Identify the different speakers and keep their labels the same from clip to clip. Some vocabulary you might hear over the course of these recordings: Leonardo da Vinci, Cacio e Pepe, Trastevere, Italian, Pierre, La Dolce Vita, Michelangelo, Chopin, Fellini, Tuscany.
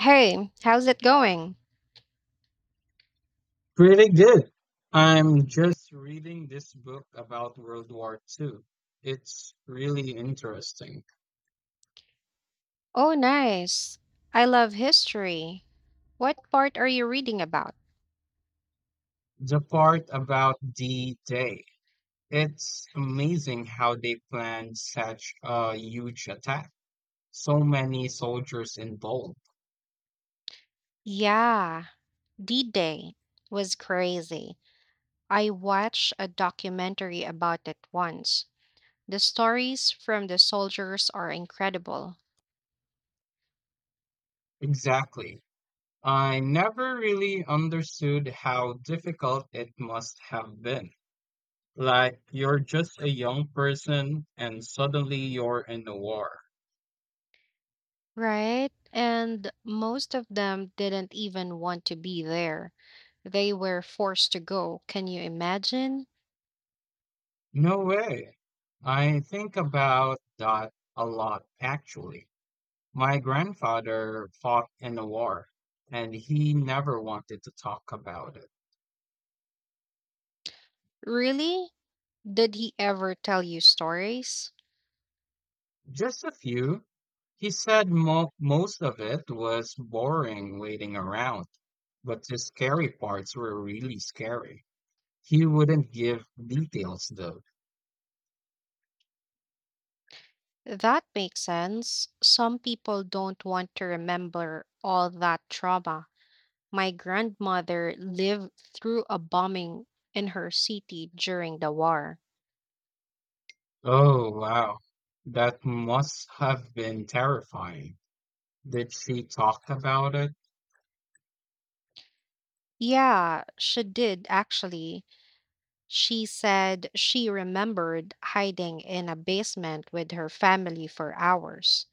Speaker 1: Hey, how's it going?
Speaker 2: Pretty good. I'm just reading this book about World War II. It's really interesting.
Speaker 1: Oh, nice. I love history. What part are you reading about?
Speaker 2: The part about D-Day. It's amazing how they planned such a huge attack. So many soldiers involved.
Speaker 1: Yeah, D-Day was crazy. I watched a documentary about it once. The stories from the soldiers are incredible,
Speaker 2: Exactly. I never really understood how difficult it must have been. Like, you're just a young person and suddenly you're in a war.
Speaker 1: right? And most of them didn't even want to be there. They were forced to go. Can you imagine?
Speaker 2: No way. I think about that a lot, actually. My grandfather fought in the war, and he never wanted to talk about it.
Speaker 1: Really? Did he ever tell you stories?
Speaker 2: Just a few. He said mo most of it was boring waiting around, but the scary parts were really scary. He wouldn't give details, though.
Speaker 1: That makes sense. Some people don't want to remember all that trauma. My grandmother lived through a bombing in her city during the war.
Speaker 2: Oh, wow. That must have been terrifying. Did she talk about it?
Speaker 1: Yeah, she did actually. She said she remembered hiding in a basement with her family for hours.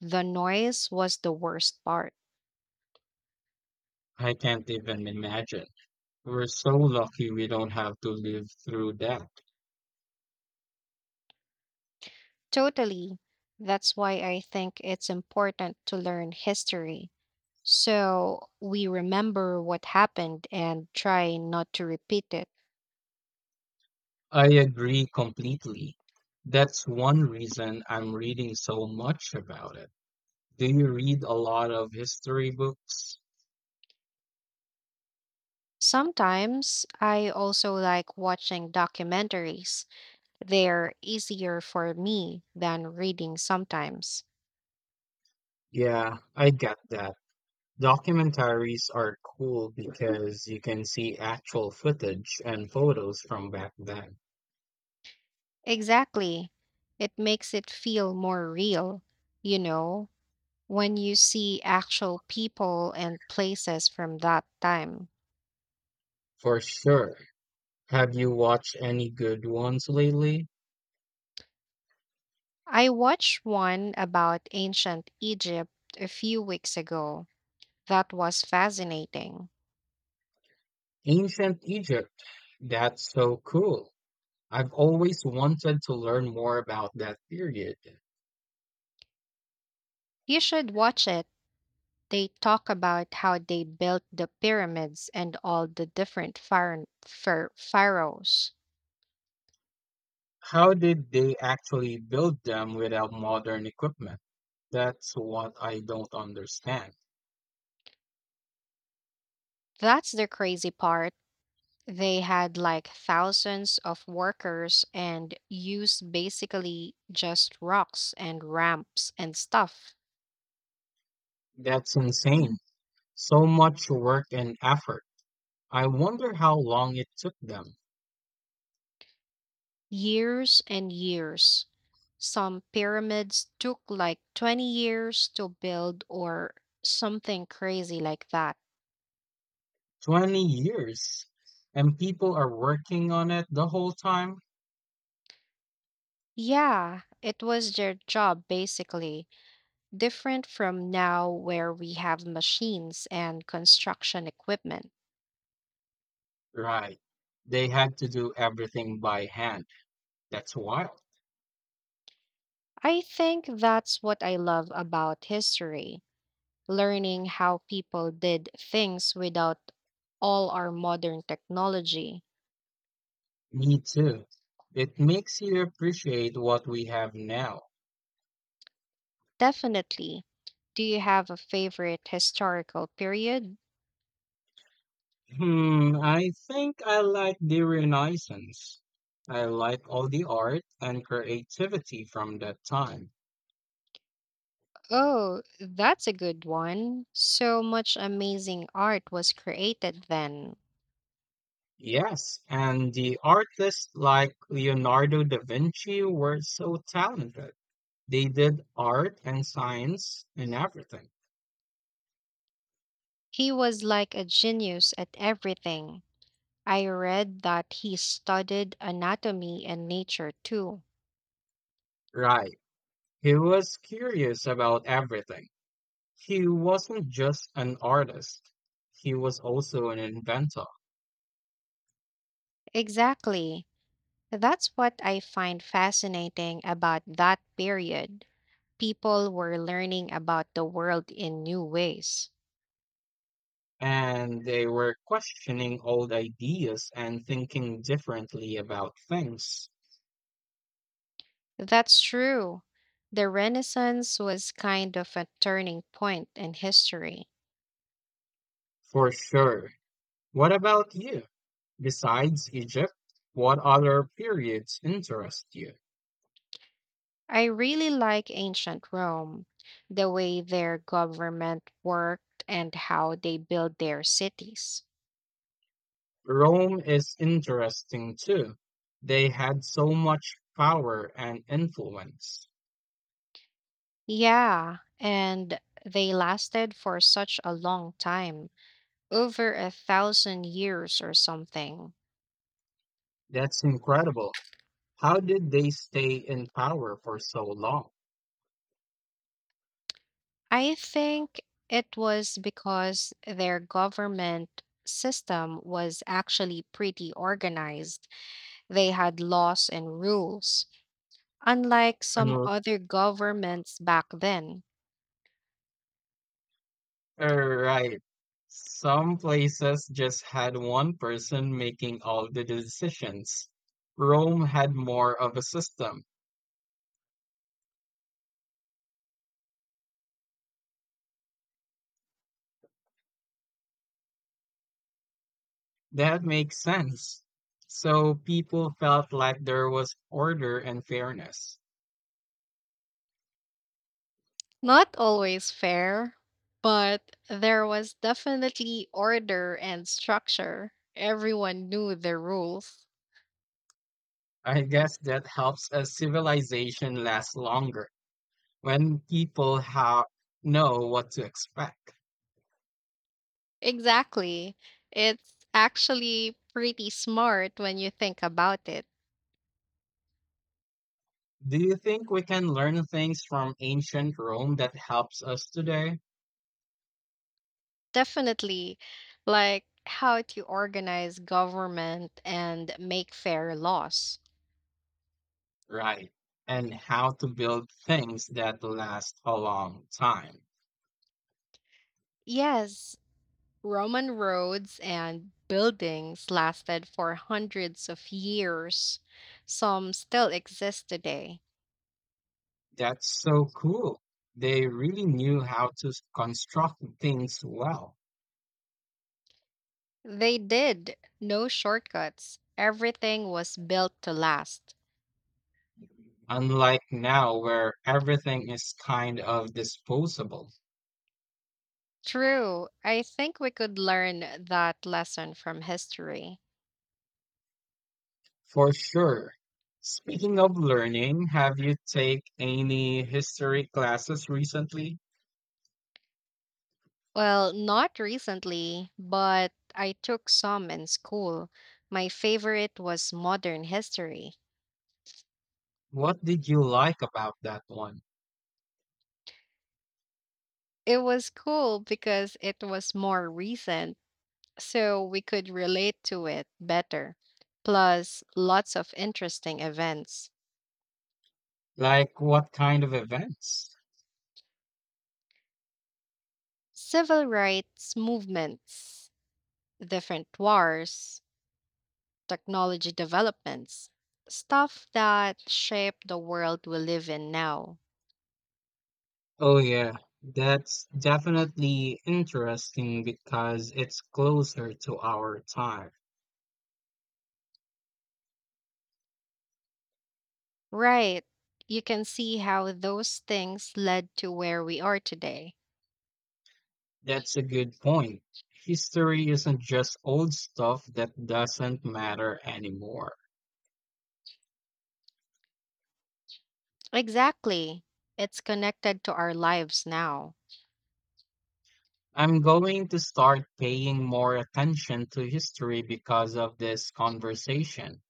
Speaker 1: The noise was the worst part.
Speaker 2: I can't even imagine. We're so lucky we don't have to live through that.
Speaker 1: Totally. That's why I think it's important to learn history. So we remember what happened and try not to repeat it.
Speaker 2: I agree completely. That's one reason I'm reading so much about it. Do you read a lot of history books?
Speaker 1: Sometimes I also like watching documentaries. They're easier for me than reading sometimes.
Speaker 2: Yeah, I get that. Documentaries are cool because you can see actual footage and photos from back then.
Speaker 1: Exactly. It makes it feel more real, you know, when you see actual people and places from that time.
Speaker 2: For sure. Have you watched any good ones lately?
Speaker 1: I watched one about ancient Egypt a few weeks ago. That was fascinating.
Speaker 2: Ancient Egypt. That's so cool. I've always wanted to learn more about that period.
Speaker 1: You should watch it. They talk about how they built the pyramids and all the different pharaohs.
Speaker 2: How did they actually build them without modern equipment? That's what I don't understand.
Speaker 1: That's the crazy part. They had like thousands of workers and used basically just rocks and ramps and stuff.
Speaker 2: That's insane. So much work and effort. I wonder how long it took them.
Speaker 1: Years and years. Some pyramids took like 20 years to build or something crazy like that.
Speaker 2: 20 years. And people are working on it the whole time?
Speaker 1: Yeah, it was their job basically, different from now where we have machines and construction equipment.
Speaker 2: Right. They had to do everything by hand. That's wild.
Speaker 1: I think that's what I love about history, learning how people did things without all our modern technology.
Speaker 2: Me too. It makes you appreciate what we have now.
Speaker 1: Definitely. Do you have a favorite historical period?
Speaker 2: Hmm, I think I like the Renaissance. I like all the art and creativity from that time.
Speaker 1: Oh, that's a good one. So much amazing art was created then.
Speaker 2: Yes, and the artists like Leonardo da Vinci were so talented. They did art and science and everything.
Speaker 1: He was like a genius at everything. I read that he studied anatomy and nature too.
Speaker 2: Right. He was curious about everything. He wasn't just an artist, he was also an inventor.
Speaker 1: Exactly. That's what I find fascinating about that period. People were learning about the world in new ways.
Speaker 2: And they were questioning old ideas and thinking differently about things.
Speaker 1: That's true. The Renaissance was kind of a turning point in history.
Speaker 2: For sure. What about you? Besides Egypt, what other periods interest you?
Speaker 1: I really like ancient Rome, the way their government worked and how they built their cities.
Speaker 2: Rome is interesting too. They had so much power and influence.
Speaker 1: Yeah, and they lasted for such a long time, over a thousand years or something.
Speaker 2: That's incredible. How did they stay in power for so long?
Speaker 1: I think it was because their government system was actually pretty organized. They had laws and rules, unlike some other governments back then.
Speaker 2: Right. Some places just had one person making all the decisions. Rome had more of a system. That makes sense. So people felt like there was order and fairness.
Speaker 1: Not always fair, but there was definitely order and structure. Everyone knew the rules.
Speaker 2: I guess that helps a civilization last longer when people have know what to expect.
Speaker 1: Exactly. It's actually pretty smart when you think about it.
Speaker 2: Do you think we can learn things from ancient Rome that helps us today?
Speaker 1: Definitely, like how to organize government and make fair laws.
Speaker 2: Right. And how to build things that last a long time.
Speaker 1: Yes, Roman roads and buildings lasted for hundreds of years. Some still exist today.
Speaker 2: That's so cool. They really knew how to construct things well,
Speaker 1: They did. No shortcuts. Everything was built to last.
Speaker 2: unlike now where everything is kind of disposable.
Speaker 1: True. I think we could learn that lesson from history.
Speaker 2: For sure. Speaking of learning, have you take any history classes recently?
Speaker 1: Well, not recently, but I took some in school. My favorite was modern history.
Speaker 2: What did you like about that one?
Speaker 1: It was cool because it was more recent so we could relate to it better. Plus, lots of interesting events,
Speaker 2: Like what kind of events?
Speaker 1: civil rights movements, different wars, technology developments, stuff that shape the world we live in now.
Speaker 2: Oh yeah, that's definitely interesting because it's closer to our time.
Speaker 1: Right. You can see how those things led to where we are today.
Speaker 2: That's a good point. History isn't just old stuff that doesn't matter anymore.
Speaker 1: Exactly. It's connected to our lives now.
Speaker 2: I'm going to start paying more attention to history because of this conversation.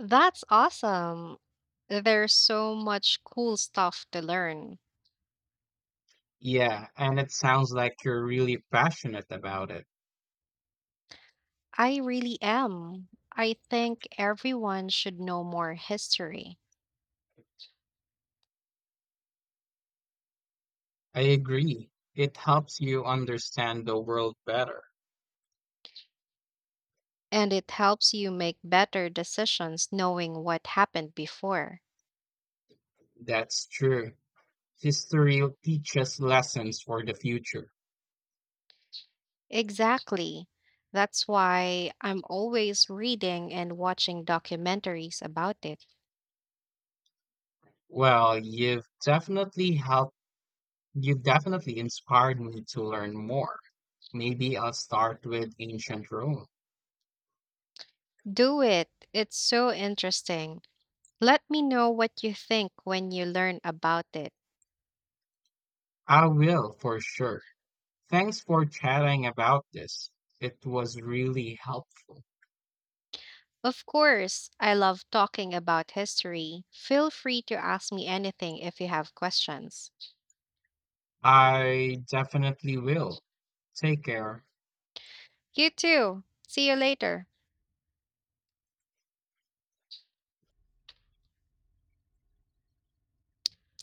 Speaker 1: That's awesome. There's so much cool stuff to learn.
Speaker 2: Yeah, and it sounds like you're really passionate about it.
Speaker 1: I really am. I think everyone should know more history,
Speaker 2: I agree. It helps you understand the world better.
Speaker 1: and it helps you make better decisions knowing what happened before.
Speaker 2: That's true. History teaches lessons for the future.
Speaker 1: Exactly. That's why I'm always reading and watching documentaries about it.
Speaker 2: Well, you've definitely inspired me to learn more. Maybe I'll start with ancient Rome.
Speaker 1: Do it. It's so interesting. Let me know what you think when you learn about it.
Speaker 2: I will for sure. Thanks for chatting about this. It was really helpful.
Speaker 1: Of course, I love talking about history. Feel free to ask me anything if you have questions.
Speaker 2: I definitely will. Take care.
Speaker 1: You too. See you later.